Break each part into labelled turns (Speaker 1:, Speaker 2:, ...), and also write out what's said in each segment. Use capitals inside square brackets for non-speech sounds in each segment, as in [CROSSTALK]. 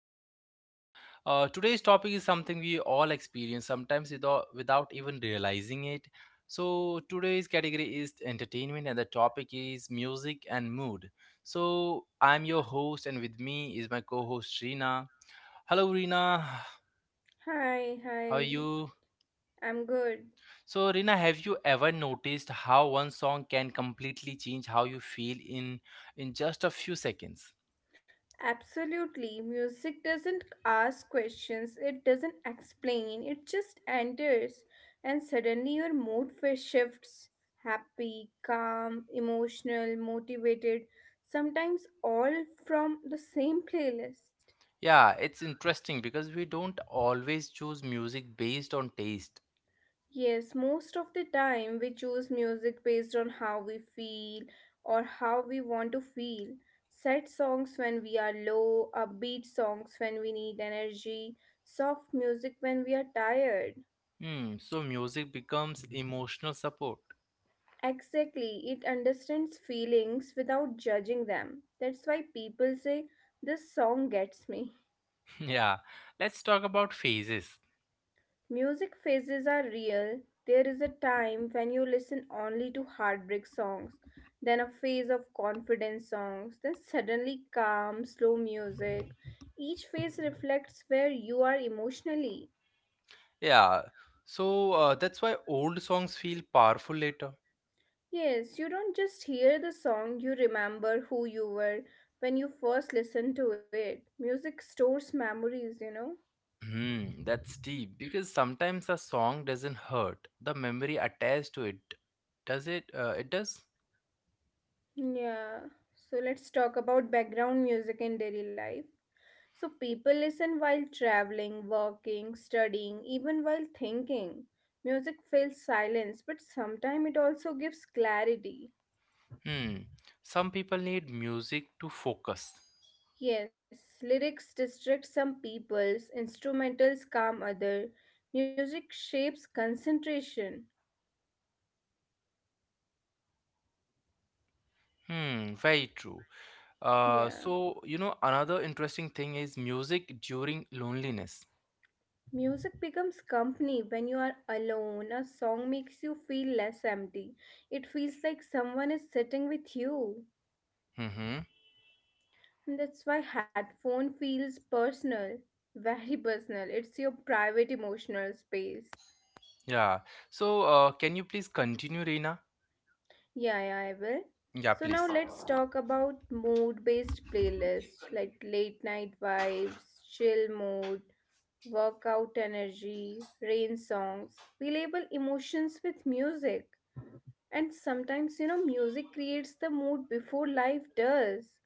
Speaker 1: another episode. Today's topic is something we all experience sometimes without even realizing it. So, today's category is entertainment, and the topic is music and mood. So, I'm your host, and with me is my co host Reena. Hello, Reena.
Speaker 2: Hi,
Speaker 1: How
Speaker 2: hi,
Speaker 1: are you?
Speaker 2: I'm good.
Speaker 1: So, Reena, have you ever noticed how one song can completely change how you feel in just a few seconds?
Speaker 2: Absolutely. Music doesn't ask questions, it doesn't explain, it just enters, and suddenly your mood shifts happy, calm, emotional, motivated, sometimes all from the same playlist.
Speaker 1: Yeah, it's interesting because we don't always choose music based on taste.
Speaker 2: Yes, most of the time we choose music based on how we feel or how we want to feel. Sad songs when we are low, upbeat songs when we need energy, soft music when we are tired.
Speaker 1: Hmm, so music becomes emotional support.
Speaker 2: Exactly, it understands feelings without judging them. That's why people say, This song gets me.
Speaker 1: [LAUGHS] Yeah, let's talk about phases.
Speaker 2: Music phases are real. There is a time when you listen only to heartbreak songs, then a phase of confidence songs, then suddenly calm, slow music. Each phase reflects where you are emotionally.
Speaker 1: Yeah, so that's why old songs feel powerful later.
Speaker 2: Yes, you don't just hear the song, you remember who you were when you first listened to it. Music stores memories, you know?
Speaker 1: Hmm, that's deep because sometimes a song doesn't hurt. The memory attached to it does it? It does.
Speaker 2: Yeah. So let's talk about background music in daily life. So people listen while traveling, working, studying, even while thinking. Music fills silence, but sometimes it also gives clarity.
Speaker 1: Hmm. Some people need music to focus.
Speaker 2: Yes, lyrics distract some peoples, instrumentals calm other. Music shapes concentration.
Speaker 1: Hmm. Very true.
Speaker 2: Yeah.
Speaker 1: So you know, another interesting thing is music during loneliness.
Speaker 2: Music becomes company when you are alone. A song makes you feel less empty. It feels like someone is sitting with you.
Speaker 1: Mm-hmm.
Speaker 2: And that's why headphone feels personal, very personal. It's your private emotional space.
Speaker 1: Yeah. So can you please continue, Reena?
Speaker 2: Yeah, yeah, I will.
Speaker 1: Yeah,
Speaker 2: So now
Speaker 1: please.
Speaker 2: let's talk about mood-based
Speaker 1: Keep
Speaker 2: playlists like
Speaker 1: continue.
Speaker 2: late night vibes, chill mode, workout energy, rain songs. We label emotions with music. And sometimes, you know, music creates the mood before life does.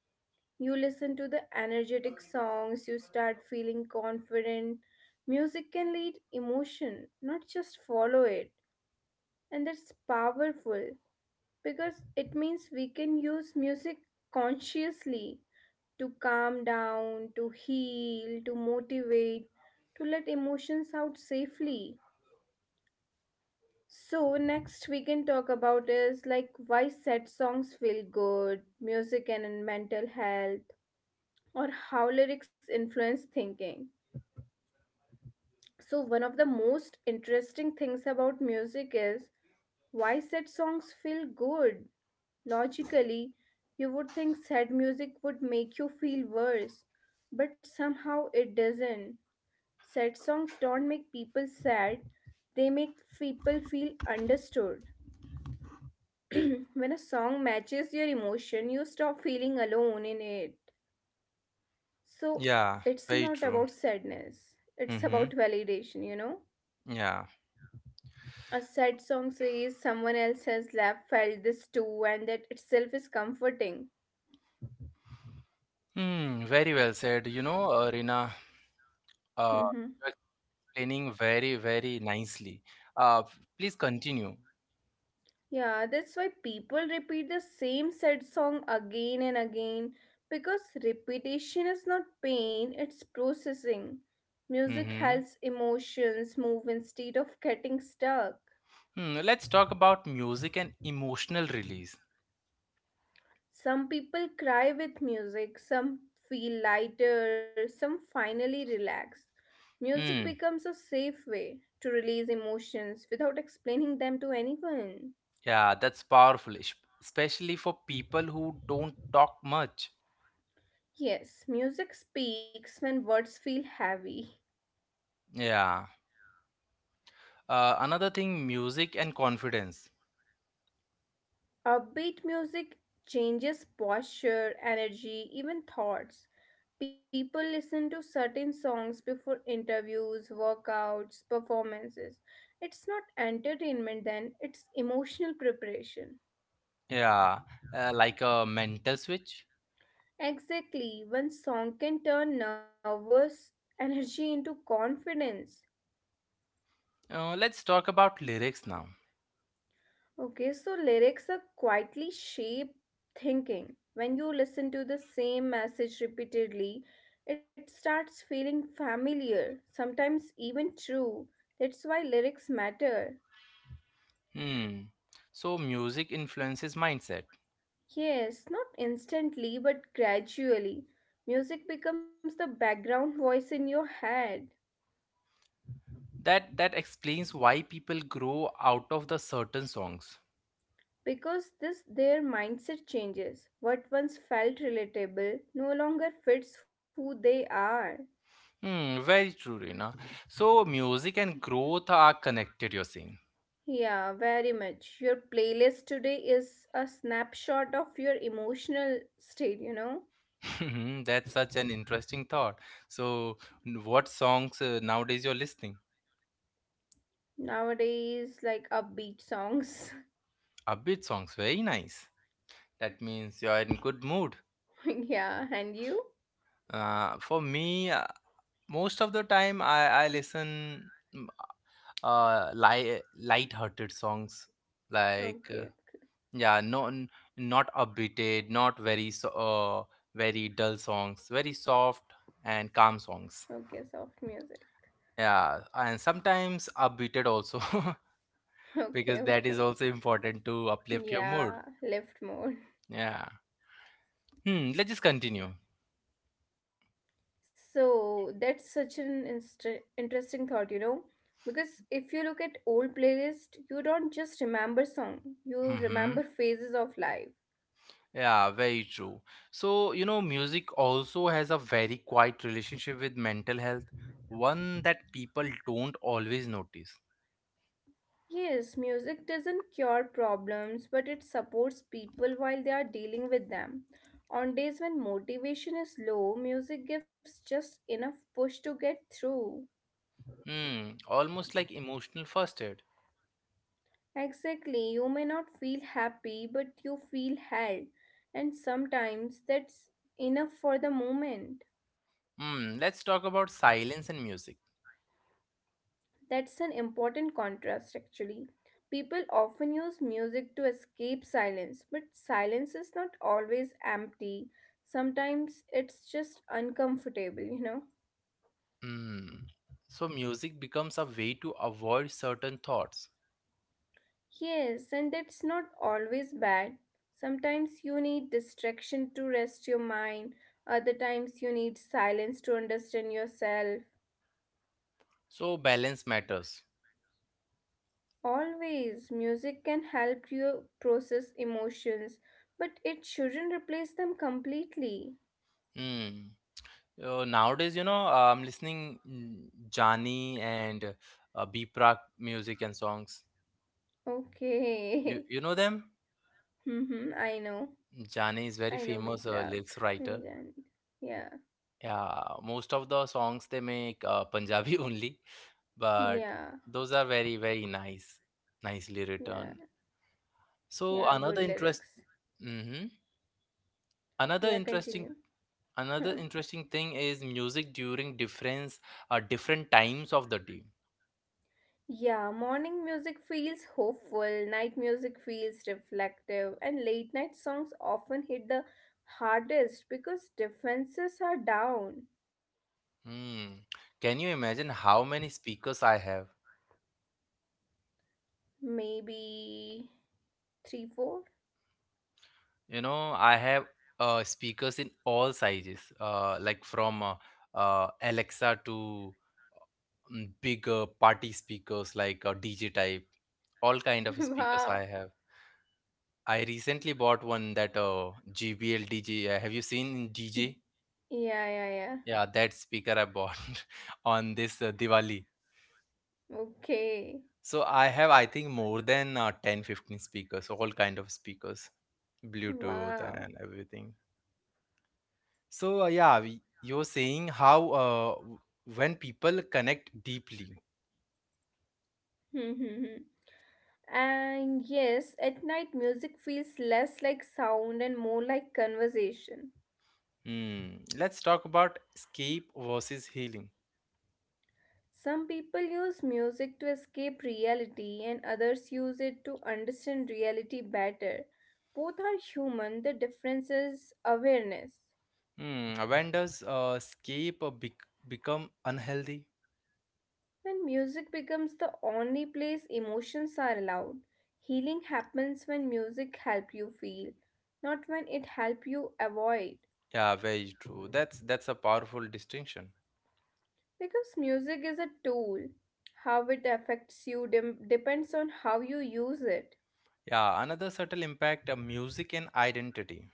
Speaker 2: You listen to the energetic songs, you start feeling confident. Music can lead emotion, not just follow it. And that's powerful because it means we can use music consciously to calm down, to heal, to motivate, to let emotions out safely. So next we can talk about is like why sad songs feel good, music and mental health, or how lyrics influence thinking. So, one of the most interesting things about music is why sad songs feel good. Logically, you would think sad music would make you feel worse, but somehow it doesn't. Sad songs don't make people sad, they make people feel understood. When a song matches your emotion, you stop feeling alone in it. So,
Speaker 1: Yeah,
Speaker 2: it's
Speaker 1: very
Speaker 2: not
Speaker 1: true.
Speaker 2: about sadness, it's
Speaker 1: Mm-hmm.
Speaker 2: about validation, you know?
Speaker 1: Yeah.
Speaker 2: A sad song says someone else has left, felt this too, and that itself is comforting.
Speaker 1: Hmm. Very well said. You know, Reena, uh,
Speaker 2: Hmm.
Speaker 1: you're explaining very, very nicely. Please continue.
Speaker 2: Yeah, that's why people repeat the same sad song again and again because repetition is not pain, it's processing. Music
Speaker 1: Mm-hmm.
Speaker 2: helps emotions move instead of getting stuck.
Speaker 1: Hmm. Let's talk about music and emotional release.
Speaker 2: Some people cry with music, some feel lighter, some finally relax. Music
Speaker 1: Hmm.
Speaker 2: becomes a safe way to release emotions without explaining them to anyone.
Speaker 1: Yeah, that's powerful, especially for people who don't talk much.
Speaker 2: Yes, music speaks when words feel heavy.
Speaker 1: Yeah. Another thing, music and confidence.
Speaker 2: Upbeat music changes posture, energy, even thoughts. People listen to certain songs before interviews, workouts, performances. It's not entertainment then, it's emotional preparation.
Speaker 1: Yeah, like a mental switch.
Speaker 2: Exactly, one song can turn nervous energy into confidence.
Speaker 1: Let's talk about lyrics now.
Speaker 2: Okay, so lyrics are quietly shape thinking. When you listen to the same message repeatedly, it starts feeling familiar, sometimes even true. That's why lyrics matter.
Speaker 1: Hmm. So music influences mindset.
Speaker 2: Yes, not instantly, but gradually. Music becomes the background voice in your head.
Speaker 1: That explains why people grow out of the certain songs.
Speaker 2: Because this their mindset changes what once felt relatable no longer fits who they are.
Speaker 1: Hmm. Very true, Reena. So music and growth are connected, you're saying.
Speaker 2: Yeah, very much, your playlist today is a snapshot of your emotional state, you know.
Speaker 1: Mhm. That's such an interesting thought. So, what songs nowadays you're listening?
Speaker 2: Nowadays, like upbeat songs.
Speaker 1: Upbeat songs, very nice. That means you're in good mood.
Speaker 2: [LAUGHS] Yeah, and you?
Speaker 1: For me, most of the time I listen mm, uh li- light-hearted songs, like
Speaker 2: Okay.
Speaker 1: yeah, no, not upbeated, not very, so very dull songs, very soft and calm songs.
Speaker 2: Okay, okay, soft music.
Speaker 1: Yeah, and sometimes upbeated also.
Speaker 2: [LAUGHS]
Speaker 1: [LAUGHS]
Speaker 2: Okay,
Speaker 1: Because that is
Speaker 2: okay.
Speaker 1: also important to uplift your mood.
Speaker 2: Yeah, lift more.
Speaker 1: Yeah. Hmm. Let's just continue.
Speaker 2: So that's such an inst- interesting thought, you know, because if you look at old playlist, you don't just remember song, you
Speaker 1: Hmm.
Speaker 2: remember phases of life.
Speaker 1: Yeah. Very true. So you know, music also has a very quiet relationship with mental health, one that people don't always notice.
Speaker 2: Yes, music doesn't cure problems, but it supports people while they are dealing with them. On days when motivation is low, music gives just enough push to get through.
Speaker 1: Hmm. Almost like emotional first aid.
Speaker 2: Exactly, you may not feel happy, but you feel held, and sometimes that's enough for the moment.
Speaker 1: Hmm. Let's talk about silence and music.
Speaker 2: That's an important contrast, actually. People often use music to escape silence, but silence is not always empty. Sometimes it's just uncomfortable, you know?
Speaker 1: Hmm. So music becomes a way to avoid certain thoughts.
Speaker 2: Yes, and that's not always bad. Sometimes you need distraction to rest your mind, other times you need silence to understand yourself.
Speaker 1: So balance matters.
Speaker 2: Always, music can help you process emotions, but it shouldn't replace them completely.
Speaker 1: Hmm. Nowadays, you know, I'm listening Jani and Biprak music and songs. You
Speaker 2: Okay. [LAUGHS]
Speaker 1: you know them?
Speaker 2: Mm-hmm. I know.
Speaker 1: Jani is very
Speaker 2: I know
Speaker 1: famous
Speaker 2: Be Prague
Speaker 1: lyrics writer.
Speaker 2: and Jan. Yeah.
Speaker 1: Yeah, most of the songs they make Punjabi [LAUGHS] only, but
Speaker 2: Yeah.
Speaker 1: those are very very nice, nicely
Speaker 2: Yeah.
Speaker 1: written. So
Speaker 2: Yeah. Good lyrics.
Speaker 1: mm-hmm. another
Speaker 2: Yeah,
Speaker 1: interesting,
Speaker 2: continue.
Speaker 1: another
Speaker 2: [LAUGHS]
Speaker 1: interesting thing is music during different different times of the day.
Speaker 2: Yeah, morning music feels hopeful, night music feels reflective, and late night songs often hit the hardest because defenses are down.
Speaker 1: Hmm. Can you imagine how many speakers I have?
Speaker 2: Maybe three, four?
Speaker 1: You know, I have speakers in all sizes, like from Alexa to big party speakers like DJ type, all
Speaker 2: [LAUGHS]
Speaker 1: kind of
Speaker 2: Wow.
Speaker 1: speakers I have. I recently bought one that GBL DJ. Have you seen DJ?
Speaker 2: Y- Yeah, yeah, yeah.
Speaker 1: Yeah, that speaker I bought [LAUGHS] on this Diwali.
Speaker 2: Okay.
Speaker 1: So I have, I think, more than 10, 15 speakers, all kind of speakers, Bluetooth
Speaker 2: Wow.
Speaker 1: and everything. So yeah, you're saying how when people connect deeply.
Speaker 2: [LAUGHS] And yes, at night music feels less like sound and more like conversation.
Speaker 1: Hmm. Let's talk about escape versus healing.
Speaker 2: Some people use music to escape reality, and others use it to understand reality better. Both are human, the difference is awareness.
Speaker 1: Hmm. When does escape become unhealthy?
Speaker 2: When music becomes the only place emotions are allowed, healing happens when music help you feel, not when it help you avoid.
Speaker 1: Yeah, very true. That's a powerful distinction.
Speaker 2: Because music is a tool. How it affects depends on how you use it.
Speaker 1: Yeah, another subtle impact: music and identity.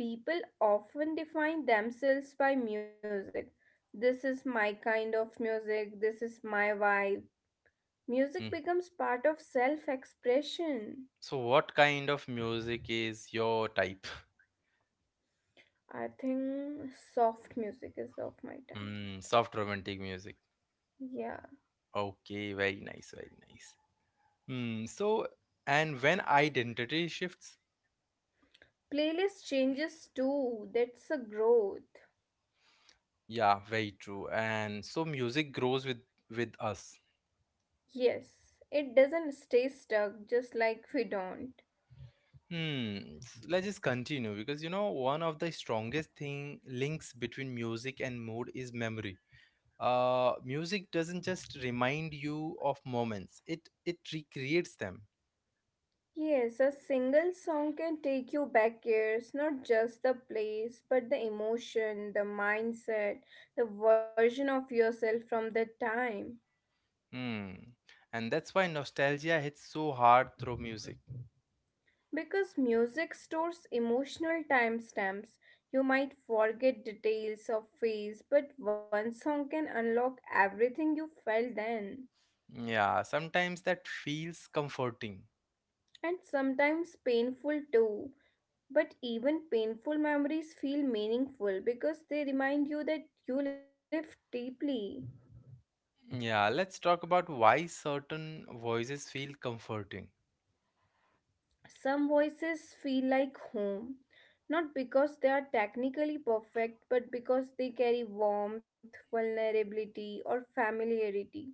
Speaker 2: People often define themselves by music. This is my kind of music, this is my vibe. Music
Speaker 1: Hmm.
Speaker 2: becomes part of self expression.
Speaker 1: So, what kind of music is your type?
Speaker 2: I think soft music is of my type.
Speaker 1: Soft romantic music.
Speaker 2: Yeah.
Speaker 1: Okay, very nice, very nice. So, and when identity shifts,
Speaker 2: Playlist changes too. That's a growth.
Speaker 1: yeah, very true. And so music grows with us.
Speaker 2: Yes, it doesn't stay stuck just like we don't.
Speaker 1: Hmm. Let's just continue, because you know one of the strongest thing links between music and mood is memory. Music doesn't just remind you of moments; it recreates them.
Speaker 2: Yes, a single song can take you back years, not just the place, but the emotion, the mindset, the version of yourself from that time.
Speaker 1: Hmm. And that's why nostalgia hits so hard through music.
Speaker 2: Because music stores emotional timestamps. You might forget details of phase, but one song can unlock everything you felt then.
Speaker 1: Yeah, sometimes that feels comforting.
Speaker 2: And sometimes painful too. But even painful memories feel meaningful because they remind you that you lived deeply.
Speaker 1: Yeah, let's talk about why certain voices feel comforting.
Speaker 2: Some voices feel like home, not because they are technically perfect, but because they carry warmth, vulnerability, or familiarity.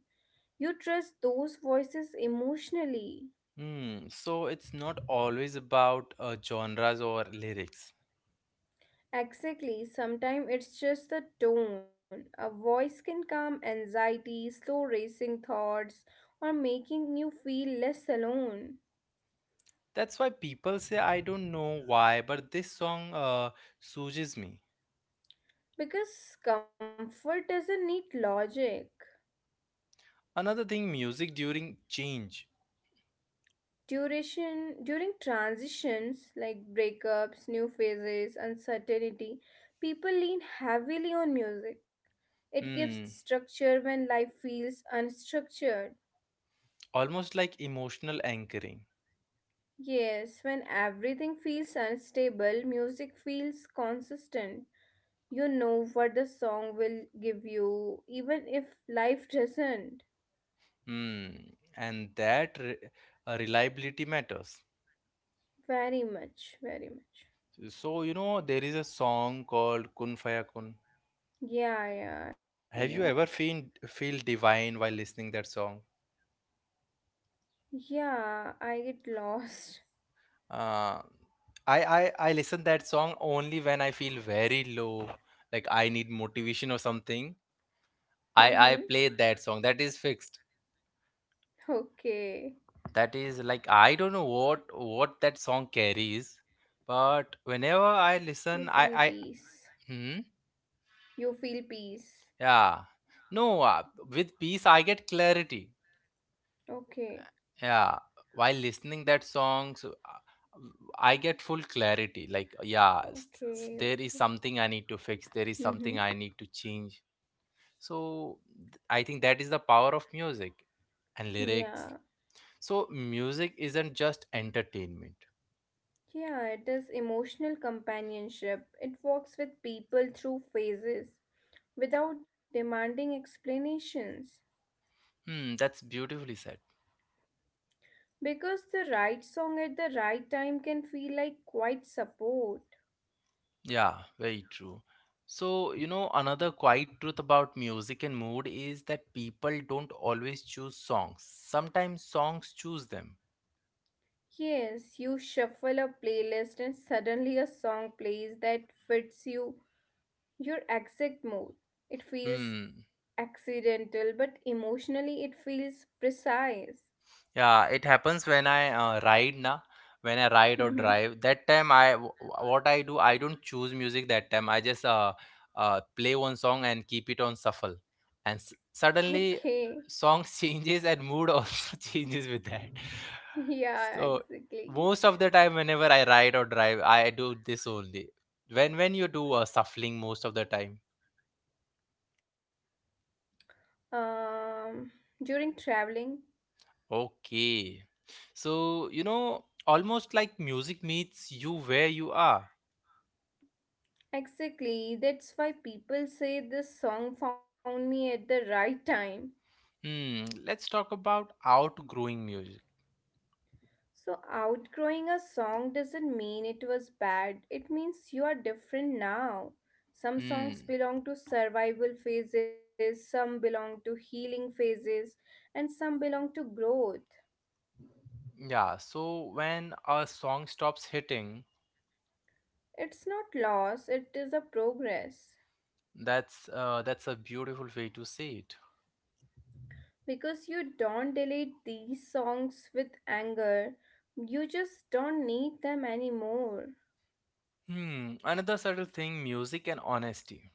Speaker 2: You trust those voices emotionally.
Speaker 1: Hmm, so it's not always about genres or lyrics.
Speaker 2: Exactly, sometimes it's just the tone. A voice can calm anxiety, slow racing thoughts, or making you feel less alone.
Speaker 1: That's why people say, I don't know why, but this song soothes me.
Speaker 2: Because comfort doesn't need logic.
Speaker 1: Another thing, music during change.
Speaker 2: Duration during transitions like breakups, new phases, uncertainty, people lean heavily on music. It gives
Speaker 1: Hmm,
Speaker 2: structure when life feels unstructured.
Speaker 1: almost like emotional anchoring.
Speaker 2: Yes, when everything feels unstable, music feels consistent. You know what the song will give you even if life doesn't.
Speaker 1: Hmm, and that re reliability matters.
Speaker 2: Very much, very much.
Speaker 1: So, you know, there is a song called Kun Faya Kun.
Speaker 2: Yeah, yeah, I
Speaker 1: Have
Speaker 2: know.
Speaker 1: you ever feel divine while listening that song?
Speaker 2: Yeah, I get lost.
Speaker 1: Uh, I, I listen that song only when I feel very low, like I need motivation or something.
Speaker 2: [LAUGHS]
Speaker 1: I
Speaker 2: Mhm.
Speaker 1: play that song. That is fixed.
Speaker 2: Okay,
Speaker 1: That is like I don't know what that song carries, but whenever I
Speaker 2: you
Speaker 1: listen,
Speaker 2: feel peace.
Speaker 1: hmm,
Speaker 2: You feel peace.
Speaker 1: yeah, no, with peace I get clarity.
Speaker 2: Okay,
Speaker 1: Yeah, while listening that songs I get full clarity. Like, yeah,
Speaker 2: okay,
Speaker 1: there is
Speaker 2: okay.
Speaker 1: something I need to fix, there is
Speaker 2: Mm-hmm.
Speaker 1: something I need to change. So, I think that is the power of music and lyrics.
Speaker 2: Yeah,
Speaker 1: So music isn't just entertainment.
Speaker 2: yeah, it is emotional companionship. It walks with people through phases without demanding explanations.
Speaker 1: Hmm, that's beautifully said.
Speaker 2: Because the right song at the right time can feel like quite support.
Speaker 1: Yeah, very true. So you know, another quiet truth about music and mood is that people don't always choose songs. Sometimes songs choose them.
Speaker 2: Yes, you shuffle a playlist and suddenly a song plays that fits you, your exact mood. It feels
Speaker 1: Hmm.
Speaker 2: accidental, but emotionally it feels precise.
Speaker 1: Yeah, it happens when when I ride or
Speaker 2: Mhm.
Speaker 1: drive. That time what I do, I don't choose music that time. I just play one song and keep it on shuffle. And suddenly
Speaker 2: Okay,
Speaker 1: song [LAUGHS] changes and mood also [LAUGHS] changes with that.
Speaker 2: yeah,
Speaker 1: So
Speaker 2: exactly.
Speaker 1: most of the time whenever I ride or drive, I do this only. When you do shuffling most of the time.
Speaker 2: Um, During traveling,
Speaker 1: Okay. So, you know, almost like music meets you where you are.
Speaker 2: exactly. That's why people say this song found me at the right time.
Speaker 1: Hmm, let's talk about outgrowing music.
Speaker 2: So, outgrowing a song doesn't mean it was bad, it means you are different now. Some songs
Speaker 1: Hmm.
Speaker 2: belong to survival phases, some belong to healing phases, and some belong to growth.
Speaker 1: Yeah, so when a song stops hitting,
Speaker 2: It's not loss, it is a progress.
Speaker 1: that's a beautiful way to say it.
Speaker 2: Because you don't delete these songs with anger, you just don't need them anymore.
Speaker 1: Hmm, another subtle thing, music and honesty.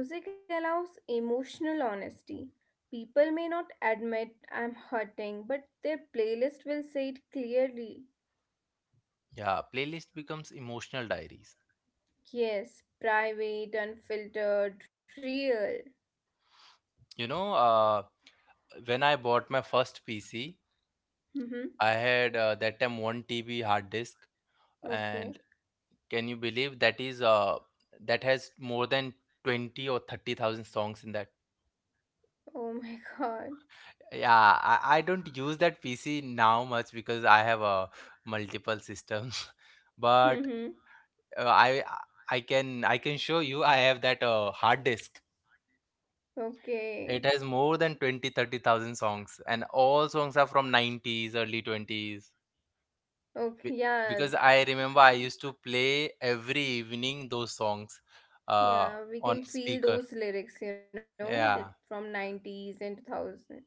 Speaker 2: Music allows emotional honesty. People may not admit I'm hurting, but their playlist will say it clearly.
Speaker 1: Yeah, playlist becomes emotional diaries.
Speaker 2: Yes, private, unfiltered, real.
Speaker 1: You know, when I bought my first PC,
Speaker 2: Mm-hmm.
Speaker 1: I had that time 1 TB hard disk, and
Speaker 2: Okay.
Speaker 1: can you believe that is that has more than 20 or 30,000 songs in that?
Speaker 2: Oh my [LAUGHS] god.
Speaker 1: Yeah, I don't use that PC now much because I have multiple systems. [LAUGHS] But
Speaker 2: Mm-hmm.
Speaker 1: uh, I I can show you I have that hard disk.
Speaker 2: Okay.
Speaker 1: It has more than 20-30,000 songs, and all songs are from 90s, early 20s. Be-
Speaker 2: Okay.
Speaker 1: Because
Speaker 2: Yeah.
Speaker 1: I remember I used to play every evening those songs uh, on
Speaker 2: Yeah, we can
Speaker 1: speaker.
Speaker 2: feel those lyrics, you know, that
Speaker 1: Yeah.
Speaker 2: from 90s and 2000.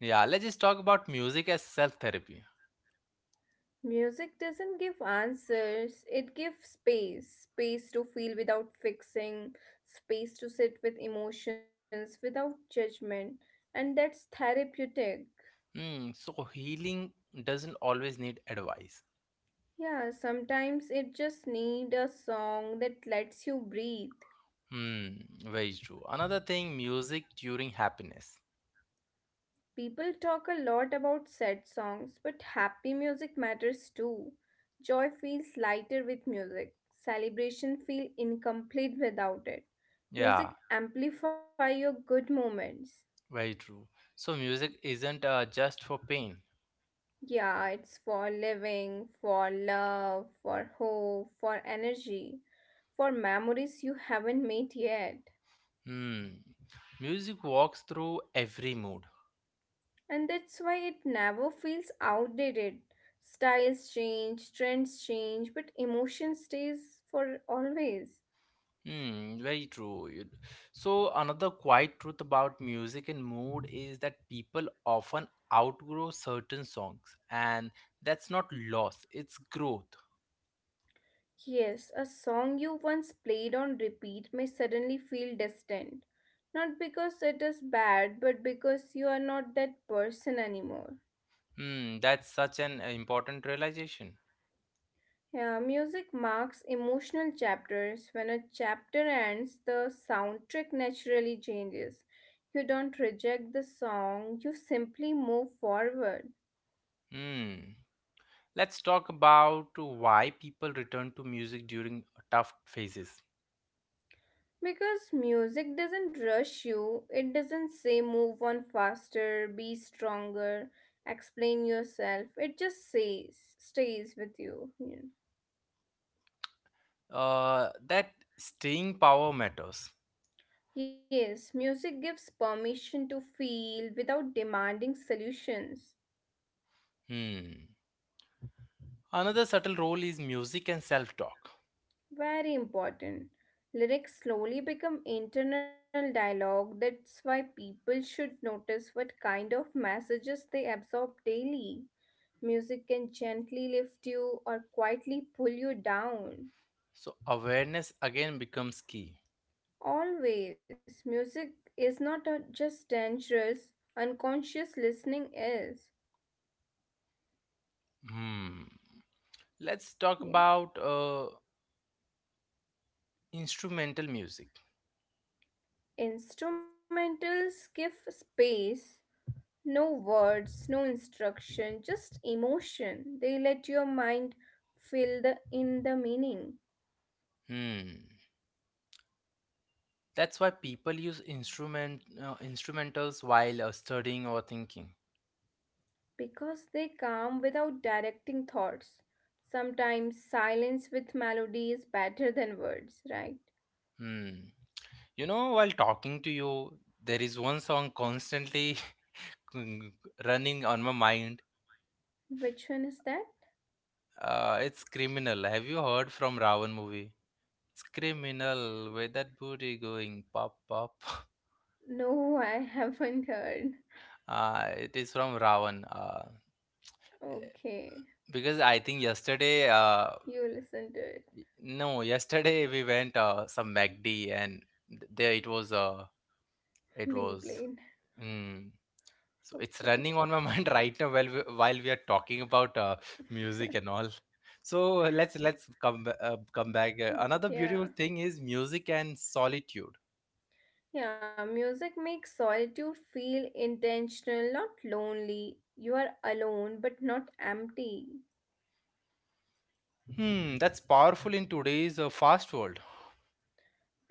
Speaker 1: Yeah, let's just talk about music as self therapy.
Speaker 2: Music doesn't give answers, it gives space. Space to feel without fixing, space to sit with emotions without judgment, and that's therapeutic.
Speaker 1: Hmm, so healing doesn't always need advice.
Speaker 2: Yeah, sometimes it just need a song that lets you breathe.
Speaker 1: Hmm, very true. Another thing, music during happiness.
Speaker 2: People talk a lot about sad songs, but happy music matters too. Joy feels lighter with music. Celebration feel incomplete without it.
Speaker 1: Yeah,
Speaker 2: Music amplify your good moments.
Speaker 1: very true. So music isn't just for pain.
Speaker 2: Yeah, it's for living, for love, for hope, for energy, for memories you haven't made yet.
Speaker 1: Hmm. Music walks through every mood.
Speaker 2: And that's why it never feels outdated. Styles change, trends change, but emotion stays for always.
Speaker 1: Hmm, very true. So another quiet truth about music and mood is that people often outgrow certain songs, and that's not loss, it's growth.
Speaker 2: Yes, a song you once played on repeat may suddenly feel distant. Not because it is bad, but because you are not that person anymore.
Speaker 1: Hmm, that's such an important realization.
Speaker 2: Yeah, music marks emotional chapters. When a chapter ends, the soundtrack naturally changes. You don't reject the song, you simply move forward.
Speaker 1: Hmm. Let's talk about why people return to music during tough phases.
Speaker 2: Because music doesn't rush you, it doesn't say move on faster, be stronger, explain yourself. It just says, stays with you, you know.
Speaker 1: That staying power matters.
Speaker 2: Yes, music gives permission to feel without demanding solutions.
Speaker 1: Hmm. Another subtle role is music and self talk.
Speaker 2: Very important. Lyrics slowly become internal dialogue. That's why people should notice what kind of messages they absorb daily. Music can gently lift you or quietly pull you down.
Speaker 1: So, awareness again becomes key.
Speaker 2: Always, music is not a, just dangerous, unconscious listening is.
Speaker 1: Hmm. Let's talk
Speaker 2: Yeah.
Speaker 1: about instrumental music.
Speaker 2: Instrumentals give space, no words, no instruction, just emotion. They let your mind fill the in the meaning
Speaker 1: Hmm. That's why people use instrumentals while studying or thinking.
Speaker 2: because they calm without directing thoughts. Sometimes silence with melody is better than words, right?
Speaker 1: Hmm. You know, while talking to you, there is one song constantly [LAUGHS] mm, running on my mind.
Speaker 2: Which one is that?
Speaker 1: It's criminal. Have you heard from Ravan movie? It's criminal. Where that booty going? Pop pop. [LAUGHS]
Speaker 2: No, [LAUGHS] I haven't heard.
Speaker 1: It is from Ravan.
Speaker 2: Okay.
Speaker 1: Because I think yesterday,
Speaker 2: You listen to it
Speaker 1: no, yesterday we went some MacD and there it was it
Speaker 2: [LAUGHS] being
Speaker 1: was.
Speaker 2: played.
Speaker 1: Hmm. So it's
Speaker 2: Okay,
Speaker 1: running on my [LAUGHS] mind right now while while we are talking about music and all. So let's come back.
Speaker 2: come
Speaker 1: Another
Speaker 2: back.
Speaker 1: beautiful
Speaker 2: Yeah,
Speaker 1: thing is music and solitude.
Speaker 2: yeah. Music makes solitude feel intentional, not lonely. You are alone, but not empty.
Speaker 1: Hmm, that's powerful in today's fast world.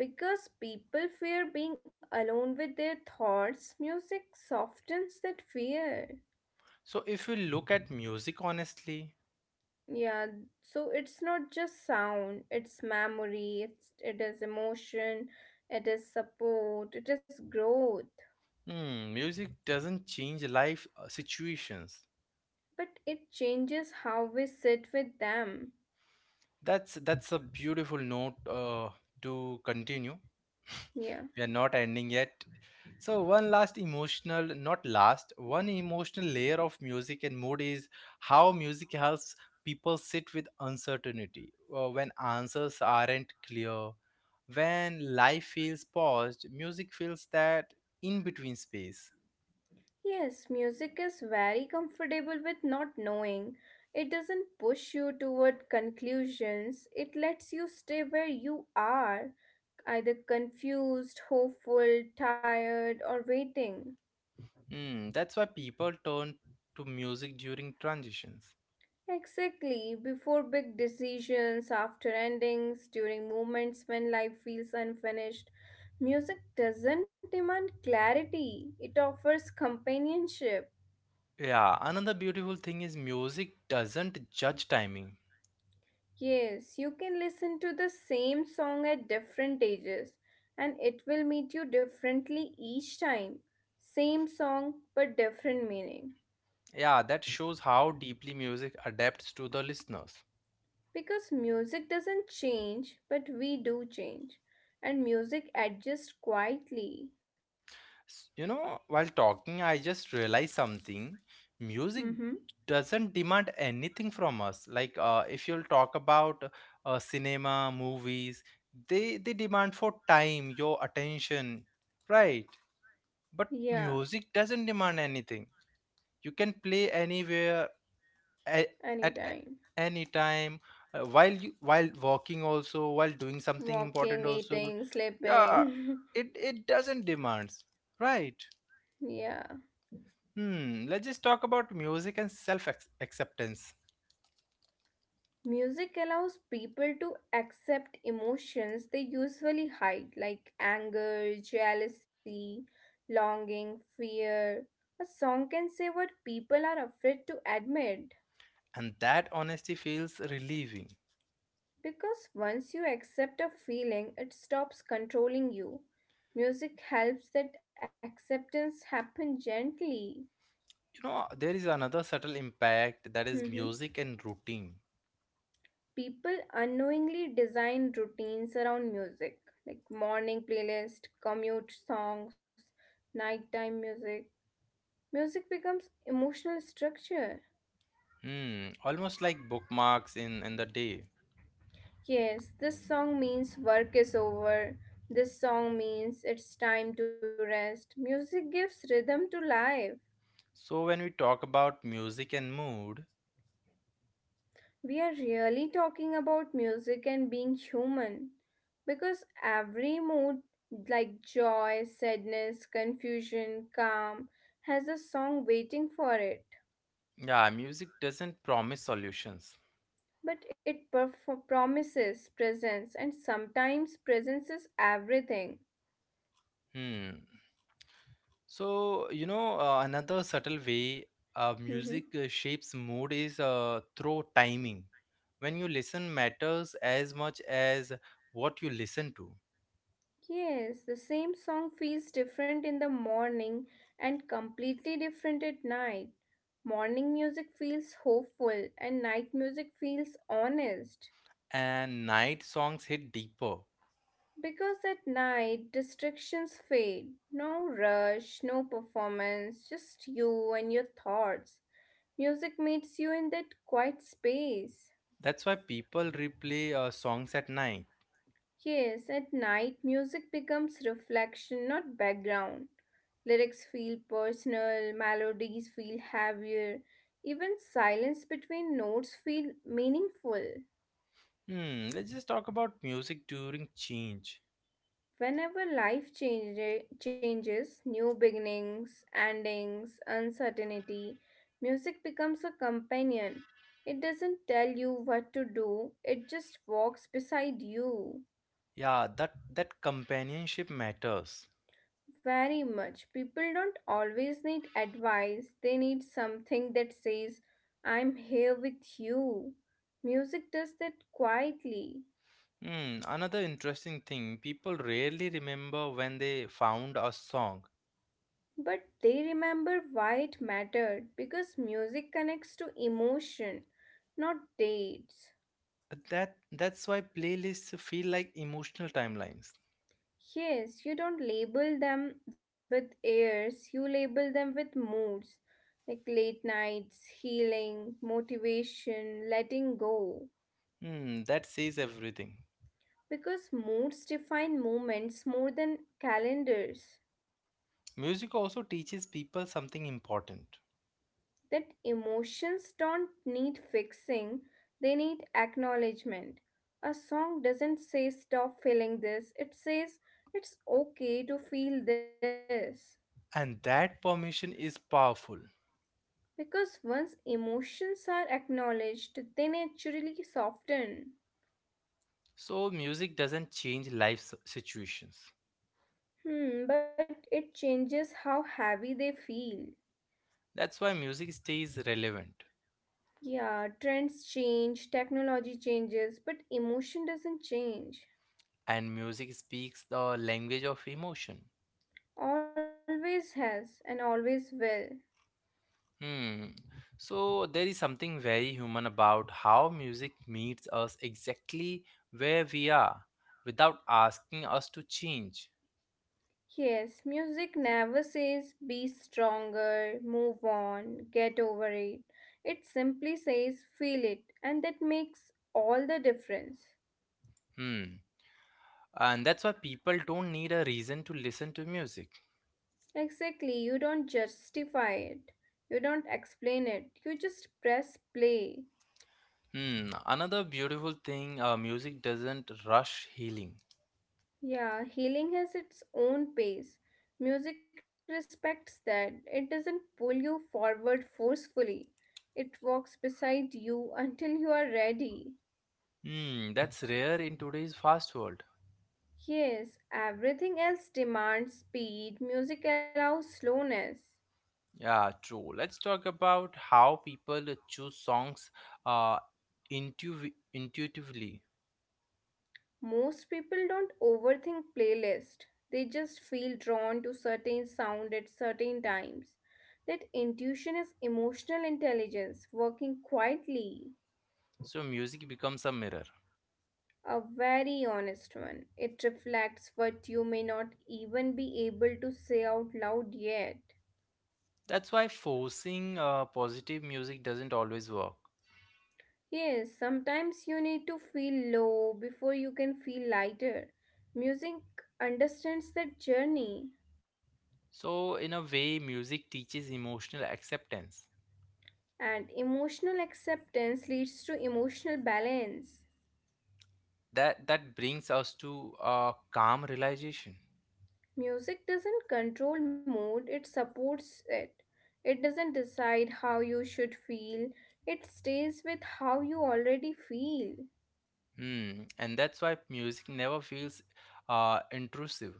Speaker 2: Because people fear being alone with their thoughts, music softens that fear.
Speaker 1: So if you look at music honestly,
Speaker 2: Yeah, so it's not just sound, it's memory, it is emotion, it is support, it is growth.
Speaker 1: hmm, music doesn't change life situations.
Speaker 2: But it changes how we sit with them.
Speaker 1: That's a beautiful note to continue. [LAUGHS] We
Speaker 2: Yeah.
Speaker 1: are not ending yet. So one last emotional, not last, one emotional layer of music and mood is how music helps people sit with uncertainty. When answers aren't clear, when life feels paused, music fills that in between space.
Speaker 2: Yes, music is very comfortable with not knowing. It doesn't push you toward conclusions. It lets you stay where you are, either confused, hopeful, tired, or waiting.
Speaker 1: Hmm, that's why people turn to music during transitions.
Speaker 2: Exactly, before big decisions, after endings, during moments when life feels unfinished. Music doesn't demand clarity, it offers companionship.
Speaker 1: Yeah, another beautiful thing is music doesn't judge timing.
Speaker 2: Yes, you can listen to the same song at different ages and it will meet you differently each time. Same song but different meaning.
Speaker 1: Yeah, that shows how deeply music adapts to the listeners.
Speaker 2: Because music doesn't change, but we do change. And music adjusts quietly.
Speaker 1: You know, while talking, I just realized something.
Speaker 2: Mm-hmm.
Speaker 1: Music doesn't demand anything from us. Like, if you'll talk about cinema, movies, they demand for time, your attention, right? But
Speaker 2: Yeah,
Speaker 1: music doesn't demand anything. You can play anywhere at, at
Speaker 2: anytime.
Speaker 1: any time while you, while walking also while doing something important
Speaker 2: Walking,
Speaker 1: also.
Speaker 2: eating,
Speaker 1: Yeah,
Speaker 2: sleeping.
Speaker 1: it doesn't demands, right?
Speaker 2: [LAUGHS] Yeah.
Speaker 1: Hmm, let's just talk about music and self acceptance.
Speaker 2: Music allows people to accept emotions they usually hide, like anger, jealousy, longing, fear. A song can say what people are afraid to admit
Speaker 1: And that honesty feels relieving.
Speaker 2: because once you accept a feeling, it stops controlling you. Music helps that acceptance happen gently.
Speaker 1: You know, there is another subtle impact, that is
Speaker 2: [LAUGHS]
Speaker 1: music and routine.
Speaker 2: People unknowingly design routines around music, like morning playlist, commute songs, nighttime music. Music becomes emotional structure.
Speaker 1: Hmm, almost like bookmarks in the day.
Speaker 2: Yes, this song means work is over. This song means it's time to rest. Music gives rhythm to life.
Speaker 1: So when we talk about music and mood,
Speaker 2: We are really talking about music and being human because every mood, like joy, sadness, confusion, calm, has a song waiting for it.
Speaker 1: yeah, music doesn't promise solutions.
Speaker 2: But it perf- Promises presence, and sometimes presence is everything.
Speaker 1: Hmm. So, you know, another subtle way
Speaker 2: Mhm.
Speaker 1: music shapes mood is through timing. When you listen matters as much as what you listen to.
Speaker 2: Yes, the same song feels different in the morning and completely different at night. Morning music feels hopeful, and night music feels honest.
Speaker 1: And night songs hit deeper.
Speaker 2: Because at night, distractions fade. No rush, no performance, just you and your thoughts. Music meets you in that quiet space.
Speaker 1: That's why people replay songs at night.
Speaker 2: Yes, at night, music becomes reflection, not background. Lyrics feel personal, melodies feel heavier, even silence between notes feel meaningful.
Speaker 1: Hmm, let's just talk about music during change.
Speaker 2: Changes, new beginnings, endings, uncertainty, music becomes a companion. It doesn't tell you what to do, it just walks beside you.
Speaker 1: Yeah, that companionship matters.
Speaker 2: Very much. People don't always need advice, they need something that says, I'm here with you. Music does that quietly.
Speaker 1: Hmm, another interesting thing, people rarely remember when they found a song.
Speaker 2: But they remember why it mattered because music connects to emotion, not dates.
Speaker 1: That's why playlists feel like emotional timelines.
Speaker 2: Yes, you don't label them with years, you label them with moods like late nights, healing, motivation, letting go.
Speaker 1: Hmm, that says everything.
Speaker 2: Because moods define moments more than calendars.
Speaker 1: Music also teaches people something important,
Speaker 2: That emotions don't need fixing, they need acknowledgement. A song doesn't say stop feeling this, it says it's okay to feel this.
Speaker 1: and that permission is powerful.
Speaker 2: Because once emotions are acknowledged, they naturally soften.
Speaker 1: So music doesn't change life situations.
Speaker 2: Hmm, but it changes how heavy they feel.
Speaker 1: That's why music stays relevant,
Speaker 2: Yeah, trends change, technology changes, but emotion doesn't change.
Speaker 1: and music speaks the language of emotion.
Speaker 2: Always has and always will.
Speaker 1: Hmm. So there is something very human about how music meets us exactly where we are, without asking us to change.
Speaker 2: Yes, music never says be stronger, move on, get over it. It simply says feel it, and that makes all the difference.
Speaker 1: Hmm. And that's why people don't need a reason to listen to music.
Speaker 2: Exactly, you don't justify it, you don't explain it, you just press play.
Speaker 1: Hmm. Another beautiful thing, music doesn't rush healing.
Speaker 2: Yeah, healing has its own pace. Music respects that, it doesn't pull you forward forcefully, it walks beside you until you are ready.
Speaker 1: Hmm. That's rare in today's fast world.
Speaker 2: Yes, everything else demands speed, music allows slowness.
Speaker 1: Yeah, true. Let's talk about how people choose songs uh, intuitively.
Speaker 2: Most people don't overthink playlist. They just feel drawn to certain sound at certain times. That intuition is emotional intelligence working quietly.
Speaker 1: So music becomes a mirror.
Speaker 2: A very honest one. It reflects what you may not even be able to say out loud yet.
Speaker 1: That's why forcing positive music doesn't always work.
Speaker 2: Yes, sometimes you need to feel low before you can feel lighter. Music understands that journey,
Speaker 1: So in a way, music teaches emotional acceptance.
Speaker 2: and emotional acceptance leads to emotional balance.
Speaker 1: That brings us to a calm realization.
Speaker 2: Music doesn't control mood, it supports it. It doesn't decide how you should feel, it stays with how you already feel
Speaker 1: Hmm. And that's why music never feels intrusive.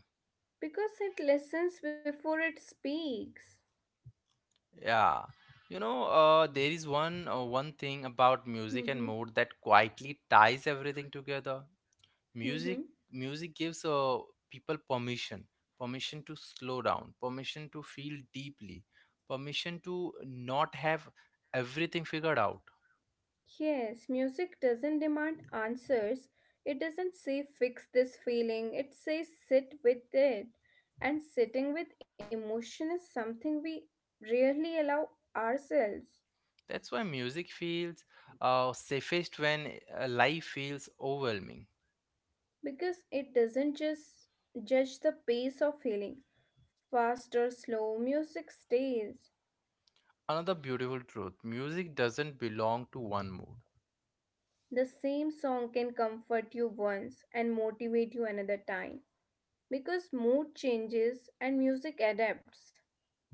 Speaker 2: because it listens before it speaks.
Speaker 1: Yeah. You know, there is one thing about music and mood that quietly ties everything together. music
Speaker 2: [LAUGHS]
Speaker 1: Music gives people permission, permission to slow down, permission to feel deeply, permission to not have everything figured out.
Speaker 2: Yes, music doesn't demand answers. It doesn't say fix this feeling, it says sit with it. And sitting with emotion is something we rarely allow ourselves
Speaker 1: That's why music feels safest when life feels overwhelming.
Speaker 2: because it doesn't just judge the pace of feeling. Fast or slow, music stays.
Speaker 1: Another beautiful truth, music doesn't belong to one mood.
Speaker 2: The same song can comfort you once and motivate you another time because mood changes and music adapts.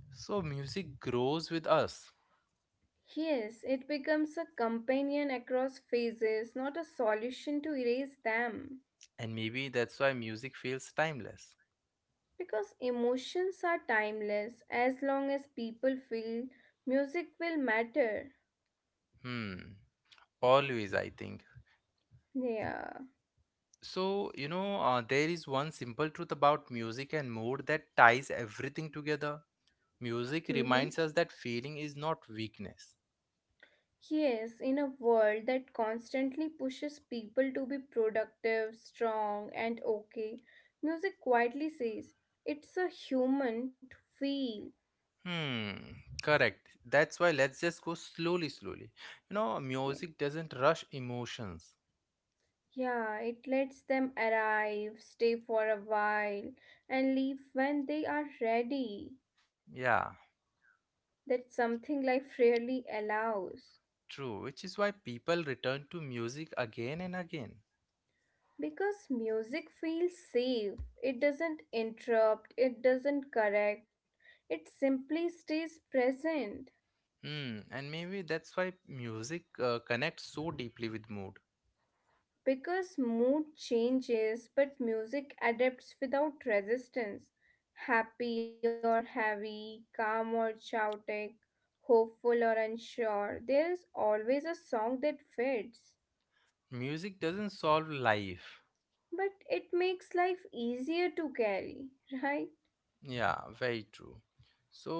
Speaker 1: So, music grows with us,
Speaker 2: Yes, it becomes a companion across phases, not a solution to erase them.
Speaker 1: and maybe that's why music feels timeless.
Speaker 2: Because emotions are timeless, as long as people feel, music will matter.
Speaker 1: Hmm, always, I think.
Speaker 2: Yeah.
Speaker 1: So, you know, there is one simple truth about music and mood that ties everything together. Music
Speaker 2: Mm-hmm.
Speaker 1: reminds us that feeling is not weakness.
Speaker 2: Yes, in a world that constantly pushes people to be productive, strong, and okay, music quietly says it's a human to feel.
Speaker 1: Hmm, correct. That's why let's just go slowly, slowly. You know, music doesn't rush emotions.
Speaker 2: Yeah, it lets them arrive, stay for a while, and leave when they are ready.
Speaker 1: Yeah,
Speaker 2: That's something [LAUGHS] life rarely allows.
Speaker 1: true. Which is why people return to music again and again.
Speaker 2: Because music feels safe, it doesn't interrupt, it doesn't correct, it simply stays present.
Speaker 1: Hmm, and maybe that's why music connects so deeply with mood.
Speaker 2: Because mood changes, but music adapts without resistance. Happy or heavy, calm or chaotic, hopeful or unsure, there is always a song that fits.
Speaker 1: Music doesn't solve life.
Speaker 2: But it makes life easier to carry, [LAUGHS] right?
Speaker 1: Yeah, very true. So,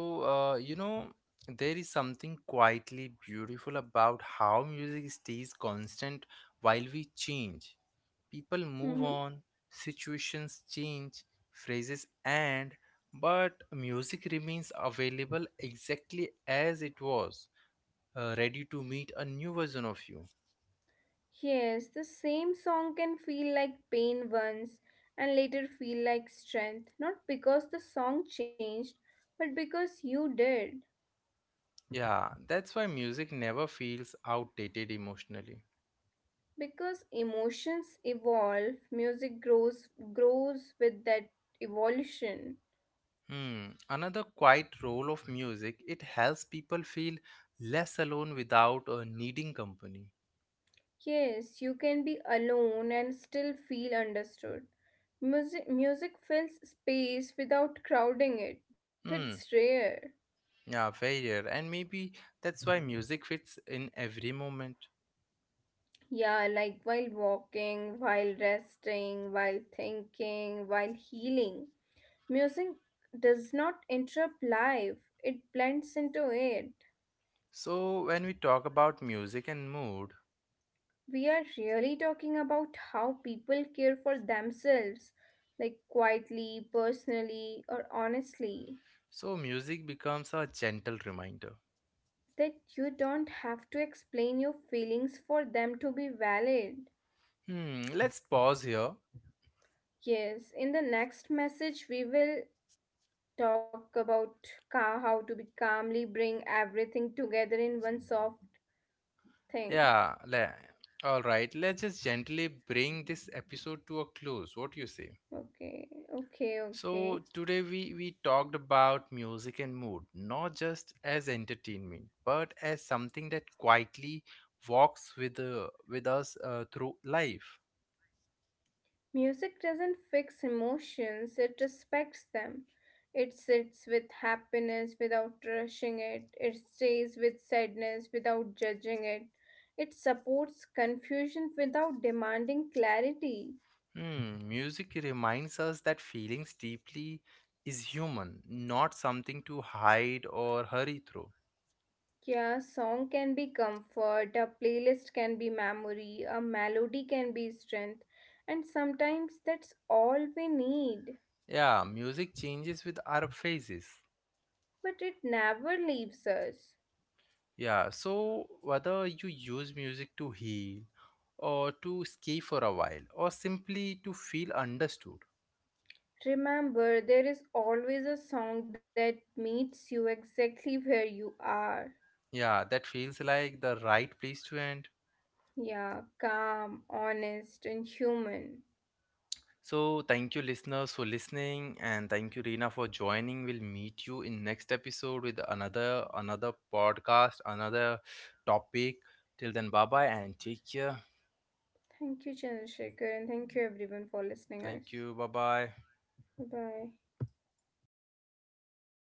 Speaker 1: you know, there is something quietly beautiful about how music stays constant while we change. People move
Speaker 2: Hmm.
Speaker 1: on, situations change, phrases end, but music remains available exactly as it was, ready to meet a new version of you.
Speaker 2: Yes, the same song can feel like pain once and later feel like strength, not because the song changed, but because you did.
Speaker 1: Yeah, that's why music never feels outdated emotionally.
Speaker 2: Because emotions evolve, music grows, grows with that evolution.
Speaker 1: Hmm. Another quiet role of music, it helps people feel less alone without needing company.
Speaker 2: Yes, you can be alone and still feel understood. Music fills space without crowding it. That's
Speaker 1: Hmm.
Speaker 2: rare.
Speaker 1: Yeah, very rare. And maybe that's why music fits in every moment.
Speaker 2: Yeah, like while walking, while resting, while thinking, while healing, music does not interrupt life, it blends into it.
Speaker 1: So when we talk about music and mood,
Speaker 2: We are really talking about how people care for themselves, like quietly, personally, or honestly.
Speaker 1: so music becomes a gentle reminder.
Speaker 2: That you don't have to explain your feelings for them to be valid.
Speaker 1: Hmm. Let's pause here.
Speaker 2: Yes, in the next message, we will talk about how to be calmly bring everything together in one soft thing.
Speaker 1: Yeah. All right. Let's just gently bring this episode to a close. What do you say?
Speaker 2: Okay, okay, okay.
Speaker 1: So today we talked about music and mood, not just as entertainment, but as something that quietly walks with us through life.
Speaker 2: Music doesn't fix emotions, it respects them. It sits with happiness without rushing it, it stays with sadness without judging it, it supports confusion without demanding clarity.
Speaker 1: Hmm, music reminds us that feelings deeply is human, not something to hide or hurry through.
Speaker 2: Yeah, a song can be comfort, a playlist can be memory, a melody can be strength, and sometimes that's all we need,
Speaker 1: Yeah, music changes with our phases.
Speaker 2: but it never leaves us.
Speaker 1: Yeah, so whether you use music to heal or to escape for a while or simply to feel understood.
Speaker 2: Remember, there is always a song that meets you exactly where you are.
Speaker 1: Yeah, that feels like the right place to end.
Speaker 2: Yeah, calm, honest, and human.
Speaker 1: So, thank you, listeners, for listening, and thank you, Reena, for joining. We'll meet you in next episode with another podcast, another topic. Till then, bye bye, and take care.
Speaker 2: Thank you, Chandrasekhar, and thank you everyone for listening
Speaker 1: Thank
Speaker 2: us.
Speaker 1: you. Bye bye.
Speaker 2: Bye.